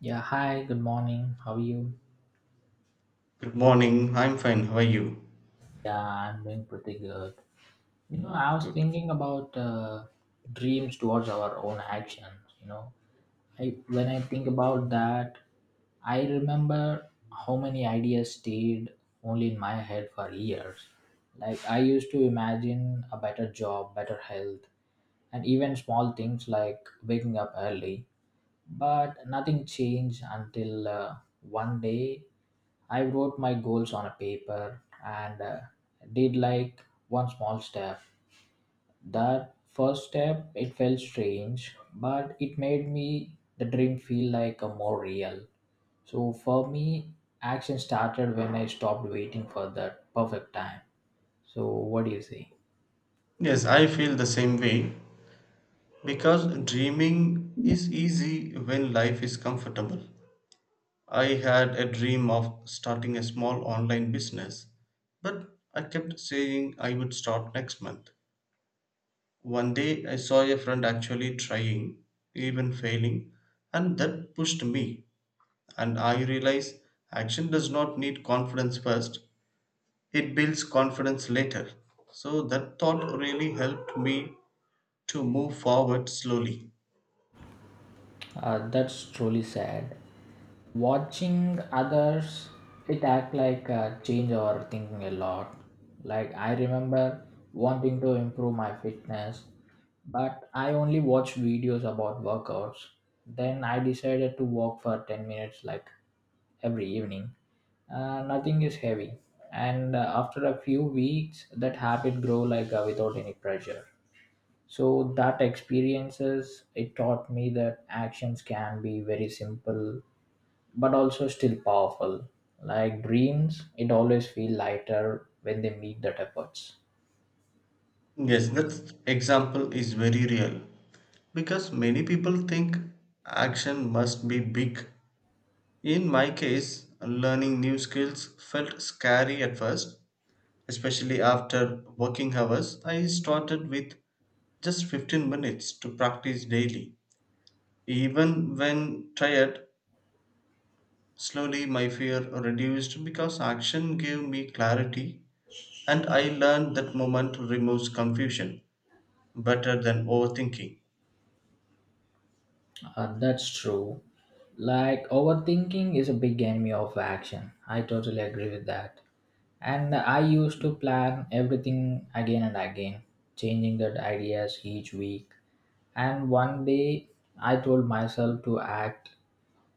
Yeah, hi, good morning. How are you? Good morning. I'm fine. How are you? Yeah, I'm doing pretty good. You know, I was Good. thinking about dreams towards our own actions. You know, when I think about that, I remember how many ideas stayed only in my head for years. Like, I used to imagine a better job, better health, and even small things like waking up early. But nothing changed until one day I wrote my goals on a paper and did like one small step. That first step, it felt strange, but it made me the dream feel like a more real. So for me, action started when I stopped waiting for that perfect time. So what do you say? Yes, I feel the same way because dreaming is easy when life is comfortable. I had a dream of starting a small online business, but I kept saying I would start next month. One day I saw a friend actually trying, even failing, and that pushed me. And I realized action does not need confidence first. It builds confidence later. So that thought really helped me to move forward slowly. That's truly sad. Watching others, it act like change our thinking a lot. Like I remember wanting to improve my fitness, but I only watched videos about workouts. Then I decided to walk for 10 minutes like every evening. Nothing is heavy. And after a few weeks, that habit grow like without any pressure. So that experiences it taught me that actions can be very simple but also still powerful. Like dreams, it always feel lighter when they meet that efforts. Yes, that example is very real because many people think action must be big. In my case, learning new skills felt scary at first, especially after working hours. I started with just 15 minutes to practice daily. Even when tired, slowly, my fear reduced because action gave me clarity, and I learned that moment removes confusion better than overthinking. That's true. Like, overthinking is a big enemy of action. I totally agree with that. And I used to plan everything again and again, changing that ideas each week. And one day I told myself to act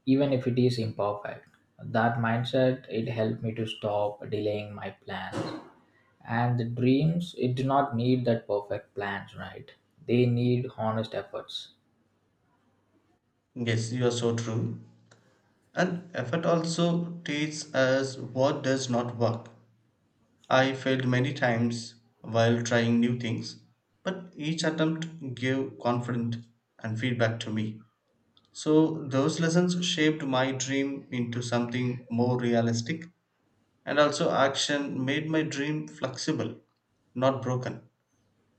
even if it is imperfect. That mindset it helped me to stop delaying my plans. And the dreams it do not need that perfect plans, right? They need honest efforts. Yes, you are so true. And effort also teaches us what does not work. I failed many times while trying new things, but each attempt gave confidence and feedback to me. So those lessons shaped my dream into something more realistic, and also action made my dream flexible, not broken.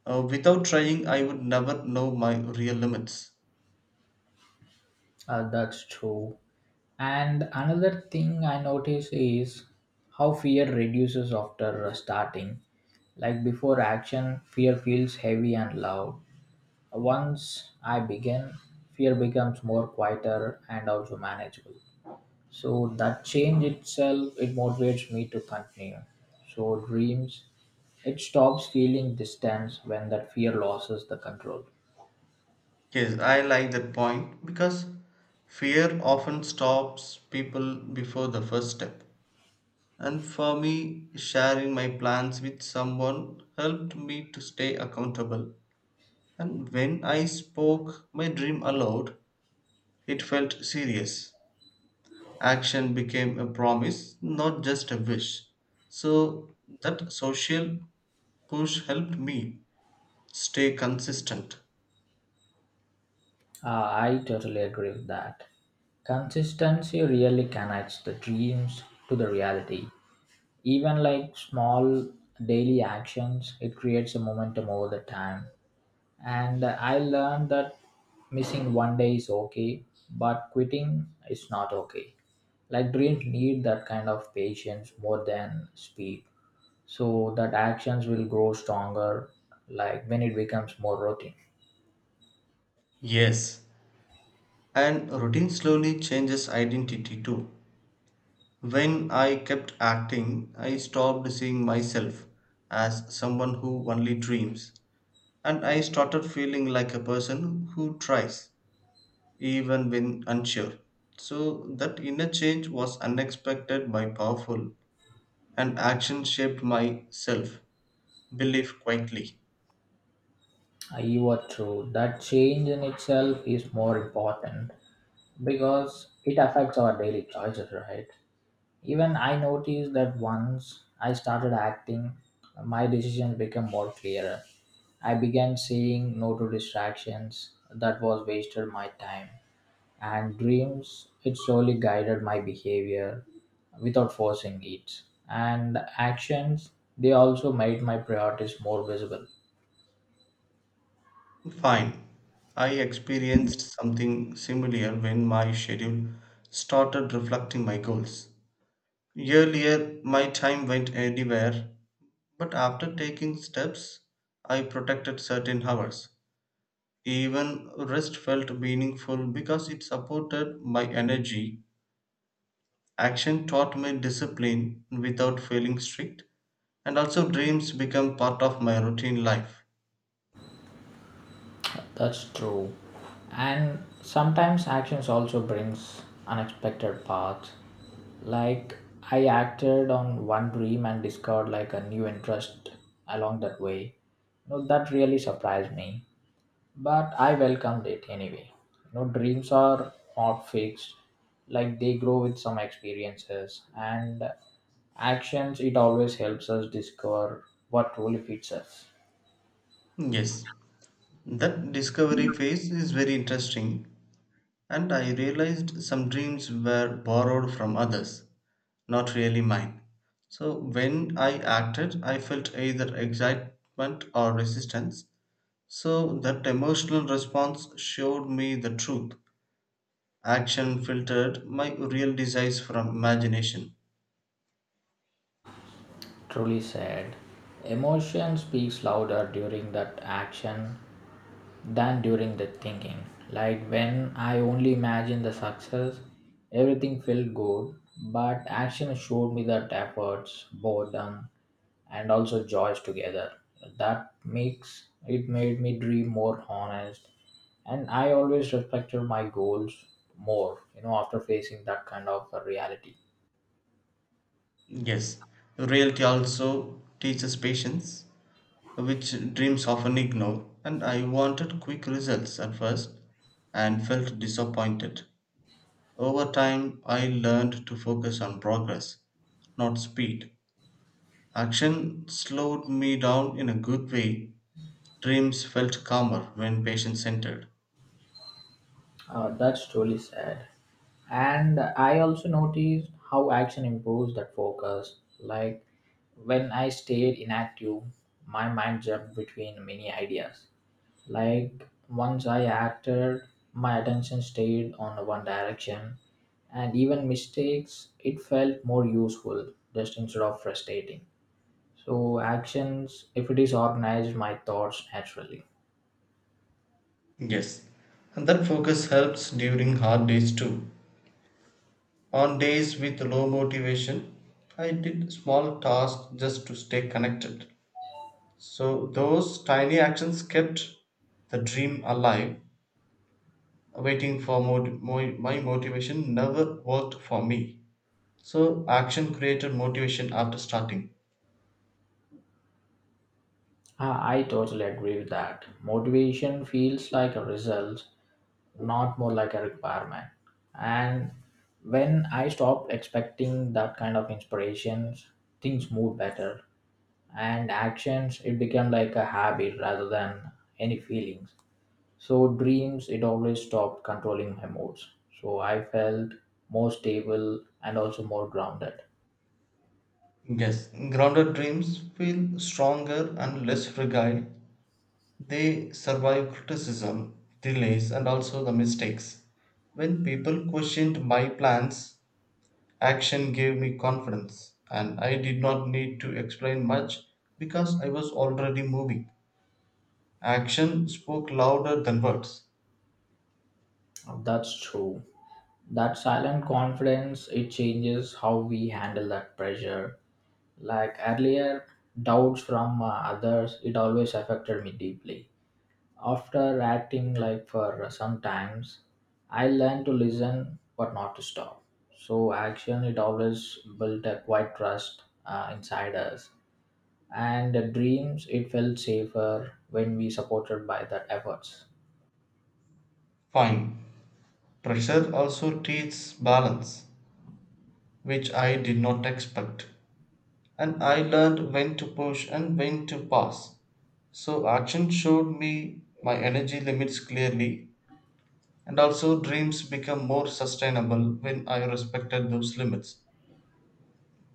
Without trying, I would never know my real limits. That's true. And another thing I notice is how fear reduces after starting. Like before action, fear feels heavy and loud. Once I begin, fear becomes more quieter and also manageable. So that change itself it motivates me to continue. So dreams, it stops feeling distance when that fear loses the control. Yes, I like that point because fear often stops people before the first step. And for me, sharing my plans with someone helped me to stay accountable. And when I spoke my dream aloud, it felt serious. Action became a promise, not just a wish. So that social push helped me stay consistent. I totally agree with that. Consistency really connects the dreams to the reality. Even like small daily actions, it creates a momentum over the time. And I learned that missing one day is okay, but quitting is not okay. Like dreams need that kind of patience more than speed, so that actions will grow stronger, like when it becomes more routine. Yes, and routine slowly changes identity too. When I kept acting, I stopped seeing myself as someone who only dreams, and I started feeling like a person who tries, even when unsure. So that inner change was unexpected but powerful, and action shaped my self belief quietly. You are true. That change in itself is more important because it affects our daily choices, right? Even I noticed that once I started acting, my decision became more clearer. I began saying no to distractions that was wasted my time and dreams. It slowly guided my behavior without forcing it. And actions, they also made my priorities more visible. Fine. I experienced something similar when my schedule started reflecting my goals. Earlier, my time went anywhere, but after taking steps, I protected certain hours. Even rest felt meaningful because it supported my energy. Action taught me discipline without feeling strict, and also dreams become part of my routine life. That's true. And sometimes actions also brings unexpected paths. Like I acted on one dream and discovered like a new interest along that way. No, that really surprised me. But I welcomed it anyway. You know, dreams are not fixed. Like they grow with some experiences and actions it always helps us discover what truly fits us. Yes, that discovery phase is very interesting, and I realized some dreams were borrowed from others, not really mine. So when I acted, I felt either excitement or resistance. So that emotional response showed me the truth. Action filtered my real desires from imagination. Truly said. Emotion speaks louder during that action than during the thinking. Like when I only imagined the success, everything felt good, but action showed me that efforts, boredom, and also joys together. That makes it made me dream more honest, and I always respected my goals more. You know, after facing that kind of a reality. Yes, reality also teaches patience, which dreams often ignore, and I wanted quick results at first and felt disappointed. Over time, I learned to focus on progress, not speed. Action slowed me down in a good way. Dreams felt calmer when patient centered. That's truly sad. And I also noticed how action improves that focus. Like when I stayed inactive, my mind jumped between many ideas. Like once I acted, my attention stayed on one direction, and even mistakes, it felt more useful just instead of frustrating. So, actions, if it is organized, my thoughts naturally. Yes, and that focus helps during hard days too. On days with low motivation, I did small tasks just to stay connected. So those tiny actions kept the dream alive. Waiting for my motivation never worked for me. So action created motivation after starting. I totally agree with that. Motivation feels like a result, not more like a requirement. And when I stopped expecting that kind of inspirations, things move better. And actions, it became like a habit rather than any feelings. So dreams, it always stopped controlling my moods. So I felt more stable and also more grounded. Yes, grounded dreams feel stronger and less fragile. They survive criticism, delays, and also the mistakes. When people questioned my plans, action gave me confidence, and I did not need to explain much because I was already moving. Action spoke louder than words. That's true. That silent confidence, it changes how we handle that pressure. Like earlier, doubts from others, it always affected me deeply. After acting, like for sometimes, I learned to listen but not to stop. So action, it always built a quiet trust inside us. And the dreams, it felt safer when we supported by that efforts. Fine. Pressure also teaches balance, which I did not expect, and I learned when to push and when to pass. So action showed me my energy limits clearly, and also dreams become more sustainable when I respected those limits.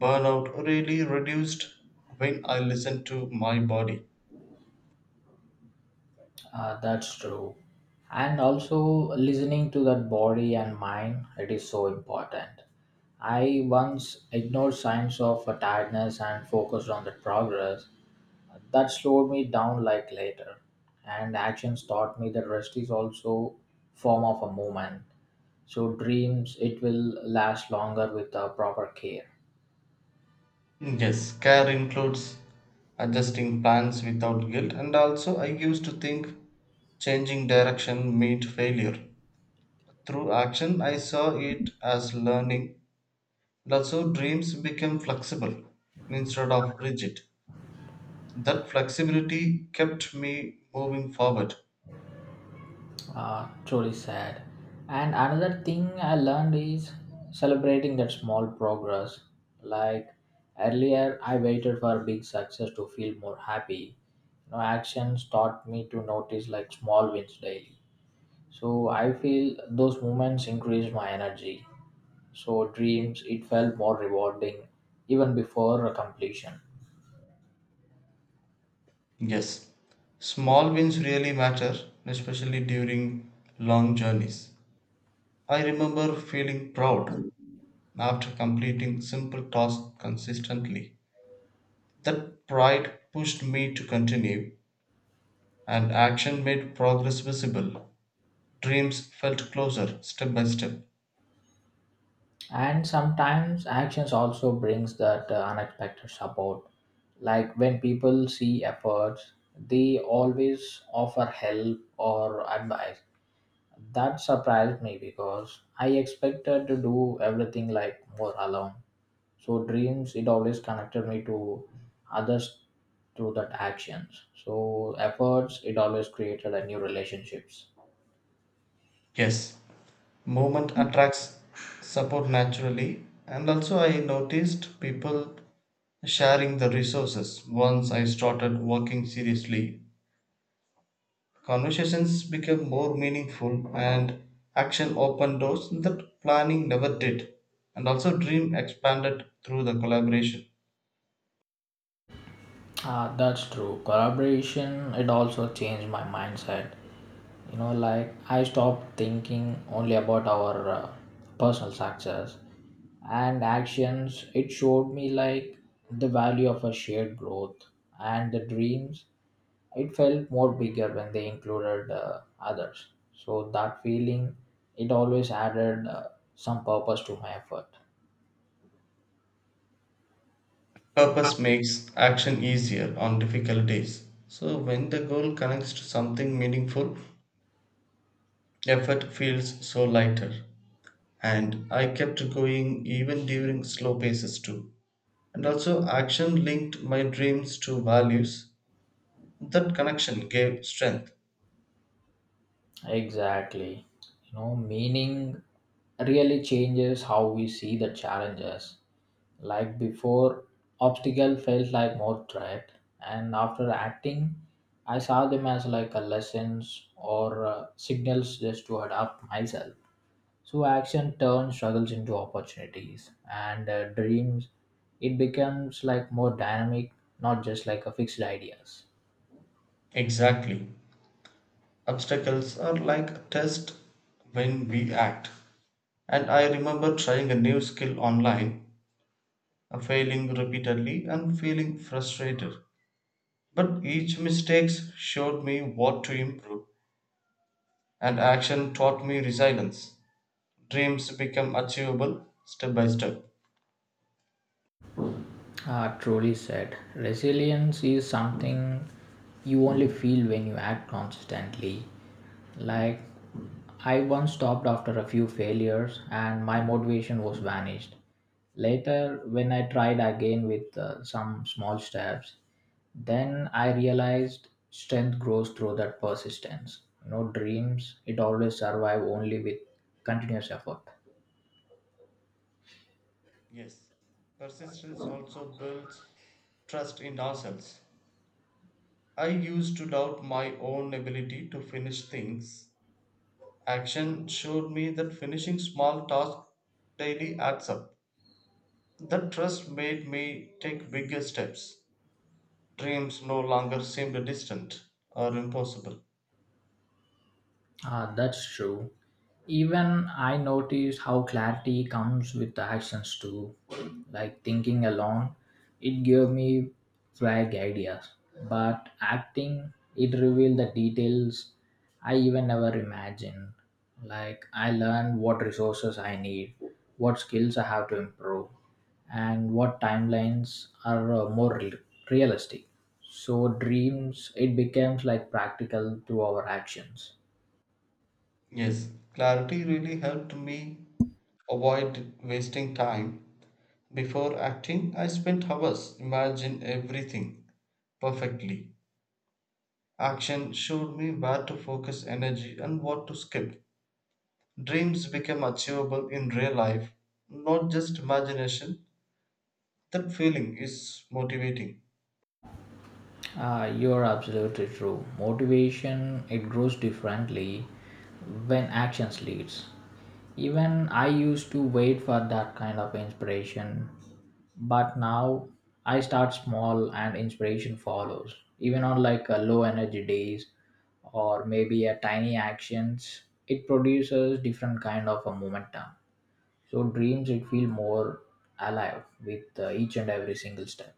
Burnout really reduced when I listened to my body. That's true. And also listening to that body and mind, it is so important. I once ignored signs of a tiredness and focused on the progress. That slowed me down like later. And actions taught me that rest is also form of a movement. So dreams, it will last longer with the proper care. Yes, care includes adjusting plans without guilt, and also I used to think changing direction meant failure. Through action, I saw it as learning, and also dreams became flexible instead of rigid. That flexibility kept me moving forward. Truly sad. And another thing I learned is celebrating that small progress. Like earlier, I waited for big success to feel more happy. You know, actions taught me to notice like small wins daily. So I feel those moments increased my energy. So dreams, it felt more rewarding even before completion. Yes, small wins really matter, especially during long journeys. I remember feeling proud after completing simple tasks consistently. That pride pushed me to continue, and action made progress visible. Dreams felt closer, step by step. And sometimes actions also brings that unexpected support. Like when people see efforts, they always offer help or advice. That surprised me because I expected to do everything like more alone. So dreams, it always connected me to others through that actions. So efforts, it always created a new relationships. Yes, movement attracts support naturally, and also I noticed people sharing the resources. Once I started working seriously, conversations became more meaningful, and action opened doors that planning never did. And also, dream expanded through the collaboration. Ah, that's true. Collaboration, it also changed my mindset. You know, like I stopped thinking only about our personal success and actions. It showed me like the value of a shared growth and the dreams. It felt more bigger when they included others. So that feeling, it always added some purpose to my effort. Purpose makes action easier on difficult days. So when the goal connects to something meaningful, effort feels so lighter. And I kept going even during slow paces too. And also, action linked my dreams to values. That connection gave strength. Exactly. You know, meaning really changes how we see the challenges. Like before, obstacle felt like more threat, and after acting, I saw them as like a lessons or signals just to adapt myself. So action turns struggles into opportunities, and dreams. It becomes like more dynamic, not just like a fixed ideas. Exactly. Obstacles are like tests when we act. And I remember trying a new skill online, failing repeatedly, and feeling frustrated. But each mistakes showed me what to improve, and action taught me resilience. Dreams become achievable step by step. Ah, truly said. Resilience is something you only feel when you act consistently. Like, I once stopped after a few failures and my motivation was vanished. Later, when I tried again with some small steps, then I realized strength grows through that persistence. No dreams, it always survive only with continuous effort. Yes, persistence also builds trust in ourselves. I used to doubt my own ability to finish things. Action showed me that finishing small tasks daily adds up. That trust made me take bigger steps. Dreams no longer seemed distant or impossible. Ah, that's true. Even I noticed how clarity comes with the actions too. Like thinking alone, it gave me vague ideas. But acting, it revealed the details I even never imagined. Like I learned what resources I need, what skills I have to improve, and what timelines are more realistic. So dreams, it becomes like practical to our actions. Yes, clarity really helped me avoid wasting time. Before acting, I spent hours imagine everything perfectly. Action showed me where to focus energy and what to skip. Dreams became achievable in real life, not just imagination. That feeling is motivating. You're absolutely true. Motivation it grows differently when actions leads. Even I used to wait for that kind of inspiration, but now I start small and inspiration follows. Even on like a low energy days or maybe a tiny actions, it produces different kind of a momentum. So dreams it feel more alive with each and every single step.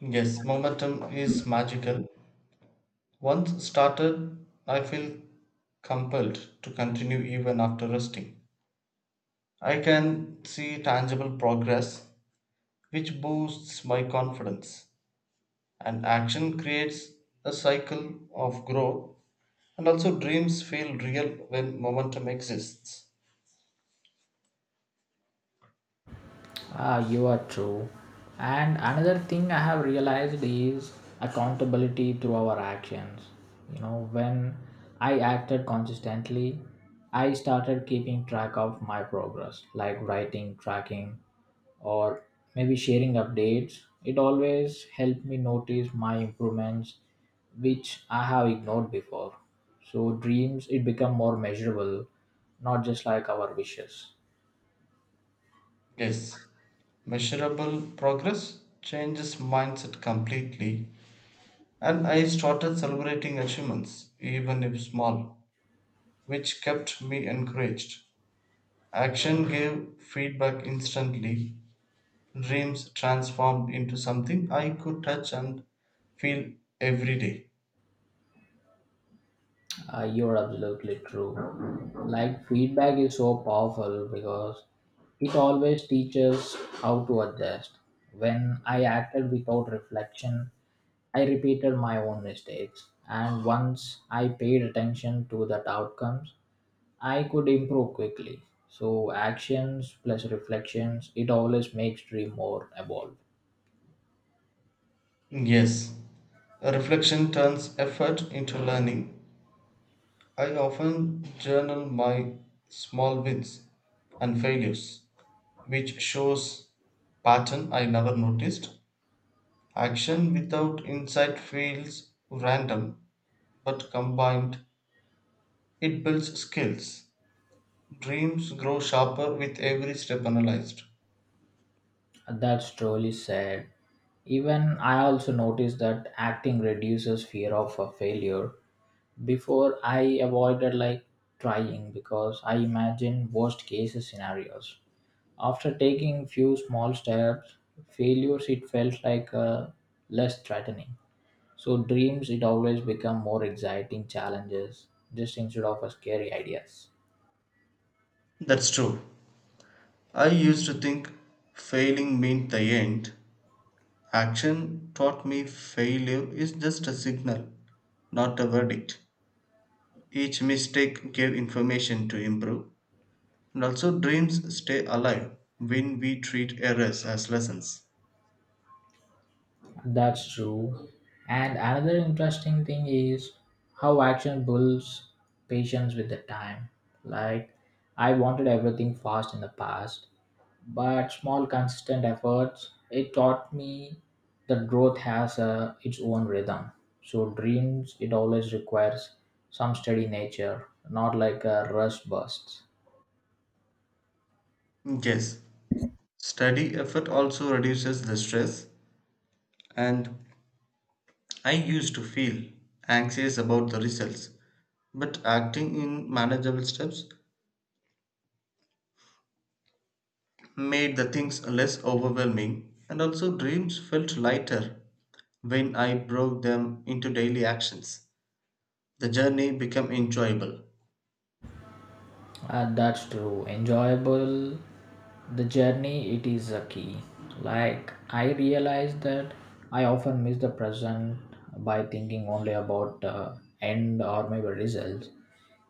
Yes, momentum is magical. Once started, I feel compelled to continue even after resting. I can see tangible progress, which boosts my confidence. And action creates a cycle of growth, and also dreams feel real when momentum exists. Ah, you are true. And another thing I have realized is accountability through our actions. You know, when I acted consistently, I started keeping track of my progress, like writing, tracking, or maybe sharing updates. It always helped me notice my improvements, which I have ignored before. So, dreams, it become more measurable, not just like our wishes. Yes, measurable progress changes mindset completely, and I started celebrating achievements, even if small, which kept me encouraged. Action gave feedback instantly. Dreams transformed into something I could touch and feel every day. You're absolutely true. Like feedback is so powerful because it always teaches how to adjust. When I acted without reflection, I repeated my own mistakes, and once I paid attention to that outcomes, I could improve quickly. So actions plus reflections, it always makes dream more evolved. Yes, a reflection turns effort into learning. I often journal my small wins and failures, which shows pattern I never noticed. Action without insight feels random, but combined, it builds skills. Dreams grow sharper with every step analyzed. That's truly said. Even I also noticed that acting reduces fear of a failure. Before I avoided like trying because I imagined worst case scenarios. After taking few small steps, failures it felt like less threatening. So dreams it always become more exciting challenges just instead of a scary ideas. That's true. I used to think failing meant the end. Action taught me failure is just a signal, not a verdict. Each mistake gave information to improve. And also, dreams stay alive when we treat errors as lessons. That's true. And another interesting thing is how action builds patience with the time. Like I wanted everything fast in the past, but small consistent efforts it taught me that growth has its own rhythm. So dreams, it always requires some steady nature, not like a rush bursts. Yes, study effort also reduces the stress, and I used to feel anxious about the results. But acting in manageable steps made the things less overwhelming, and also dreams felt lighter when I broke them into daily actions. The journey became enjoyable. That's true. Enjoyable, the journey, it is a key. Like, I realize that I often miss the present by thinking only about end or maybe results.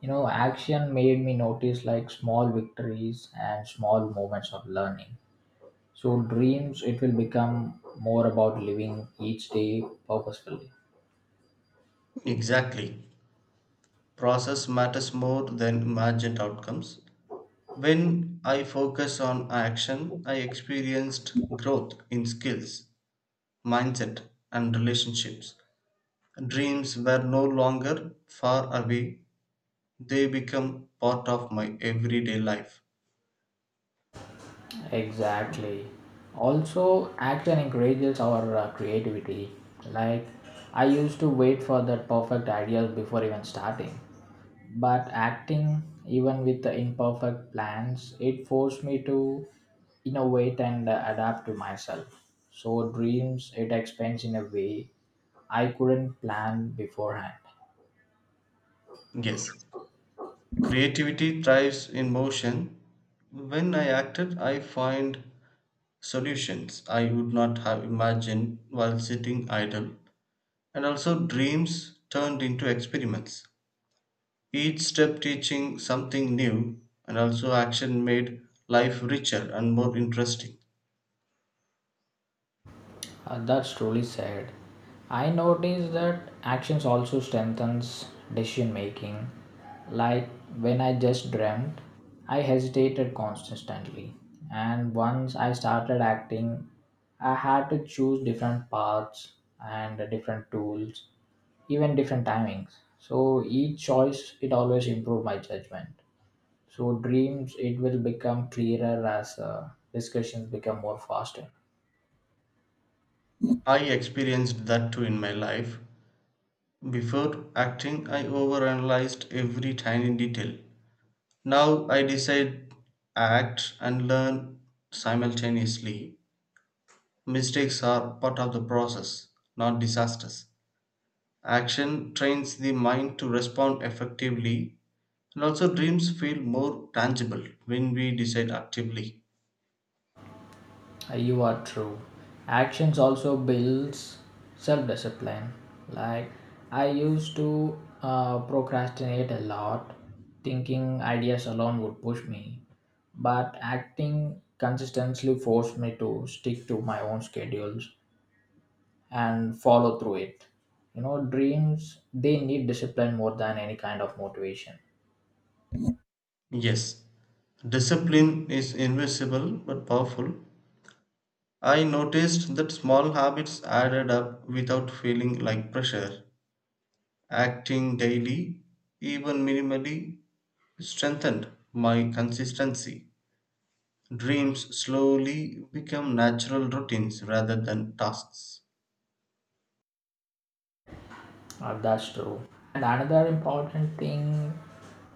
You know, action made me notice like small victories and small moments of learning. So, dreams, it will become more about living each day purposefully. Exactly. Process matters more than imagined outcomes. When I focus on action, I experienced growth in skills, mindset, and relationships. Dreams were no longer far away, they become part of my everyday life. Exactly. Also, action encourages our creativity. Like, I used to wait for that perfect ideas before even starting. But acting, even with the imperfect plans, it forced me to innovate and adapt to myself. So, dreams, it expands in a way I couldn't plan beforehand. Yes, creativity thrives in motion. When I acted, I find solutions I would not have imagined while sitting idle, and also dreams turned into experiments. Each step teaching something new, and also action made life richer and more interesting. That's truly sad. I noticed that actions also strengthens decision making. Like when I just dreamt, I hesitated constantly, and once I started acting, I had to choose different paths and different tools, even different timings. So each choice it always improved my judgment. So dreams it will become clearer as discussions become more faster. I experienced that too in my life. Before acting, I overanalyzed every tiny detail. Now I decide, act, and learn simultaneously. Mistakes are part of the process, not disasters. Action trains the mind to respond effectively, and also dreams feel more tangible when we decide actively. You are true. Actions also builds self-discipline. Like I used to procrastinate a lot, thinking ideas alone would push me, but acting consistently forced me to stick to my own schedules and follow through it. You know, dreams they need discipline more than any kind of motivation. Yes, discipline is invisible but powerful. I noticed that small habits added up without feeling like pressure. Acting daily, even minimally, strengthened my consistency. Dreams slowly become natural routines rather than tasks. That's true. And another important thing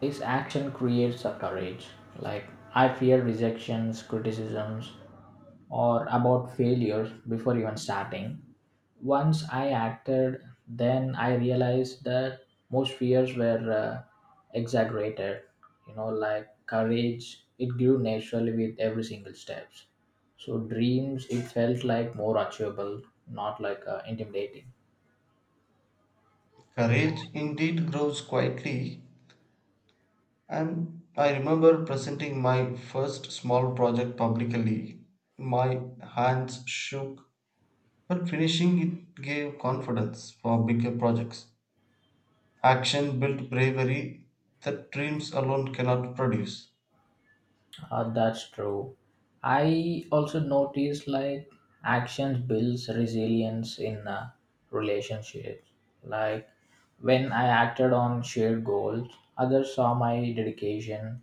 is action creates a courage. Like I fear rejections, criticisms, or about failures before even starting. Once I acted, then I realized that most fears were exaggerated. You know, like courage, it grew naturally with every single steps. So dreams, it felt like more achievable, not like intimidating. Courage indeed grows quietly, and I remember presenting my first small project publicly. My hands shook, but finishing it gave confidence for bigger projects. Action built bravery that dreams alone cannot produce. That's true. I also noticed like actions builds resilience in relationships. Like when I acted on shared goals, others saw my dedication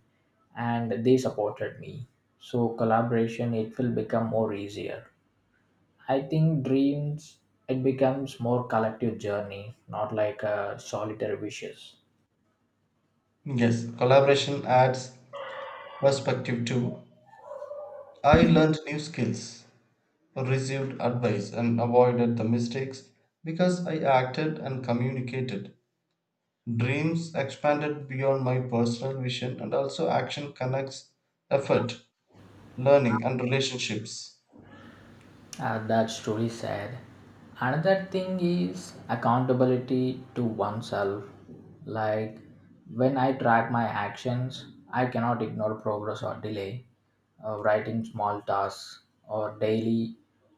and they supported me. So collaboration it will become more easier. I think dreams it becomes more collective journey, not like solitary wishes. Yes, collaboration adds perspective too. I learned new skills, received advice, and avoided the mistakes because I acted and communicated. Dreams expanded beyond my personal vision, and also action connects effort, learning, and relationships. That's truly sad. Another thing is accountability to oneself. Like when I track my actions, I cannot ignore progress or delay. Writing small tasks or daily,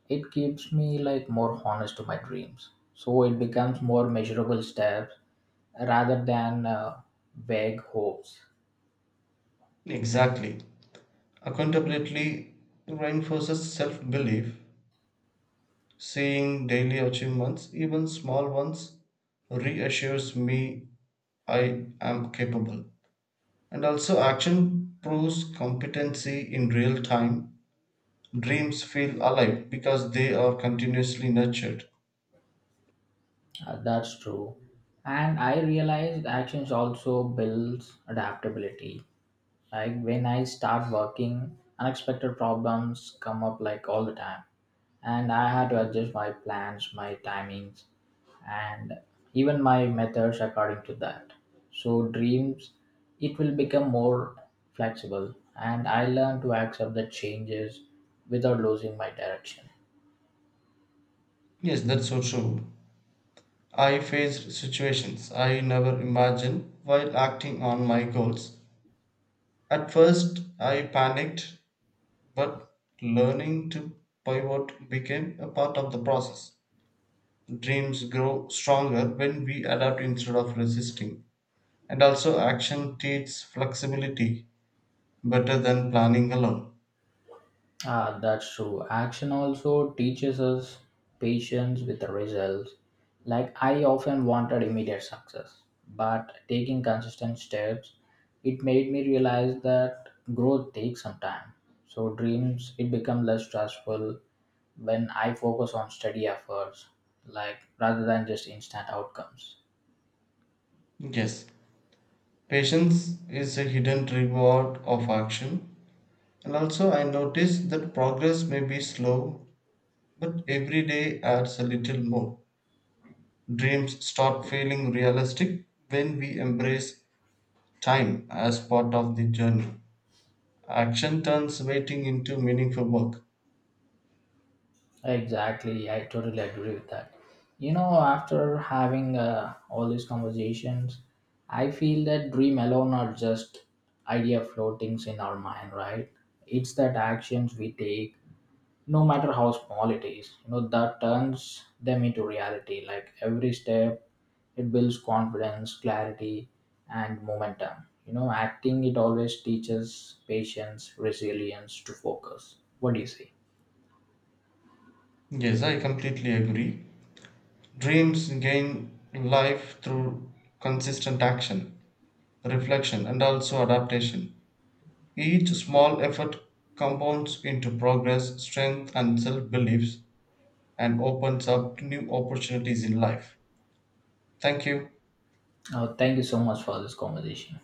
it keeps me like more honest to my dreams. So it becomes more measurable steps rather than vague hopes. Exactly. Accountability reinforces self belief. Seeing daily achievements, even small ones, reassures me I am capable. And also, action proves competency in real time. Dreams feel alive because they are continuously nurtured. That's true. And I realized actions also builds adaptability. Like when I start working, unexpected problems come up like all the time, and I had to adjust my plans, my timings, and even my methods according to that. So dreams, it will become more flexible, and I learn to accept the changes without losing my direction. Yes, that's so true. I faced situations I never imagined while acting on my goals. At first, I panicked, but learning to pivot became a part of the process. Dreams grow stronger when we adapt instead of resisting. And also, action teaches flexibility better than planning alone. Ah, that's true. Action also teaches us patience with the results. Like, I often wanted immediate success, but taking consistent steps, it made me realize that growth takes some time. So, dreams, it become less stressful when I focus on steady efforts, like rather than just instant outcomes. Yes, patience is a hidden reward of action. And also, I noticed that progress may be slow, but every day adds a little more. Dreams start feeling realistic when we embrace time as part of the journey. Action turns waiting into meaningful work. Exactly, I totally agree with that. You know, after having all these conversations, I feel that dream alone are just idea floatings in our mind, right? It's that actions we take, no matter how small it is, that turns them into reality. Like every step, it builds confidence, clarity, and momentum. You know, acting it always teaches patience, resilience to focus. What do you say? Yes, I completely agree. Dreams gain life through consistent action, reflection, and also adaptation. Each small effort compounds into progress, strength, and self beliefs and opens up new opportunities in life. Thank you. Oh, thank you so much for this conversation.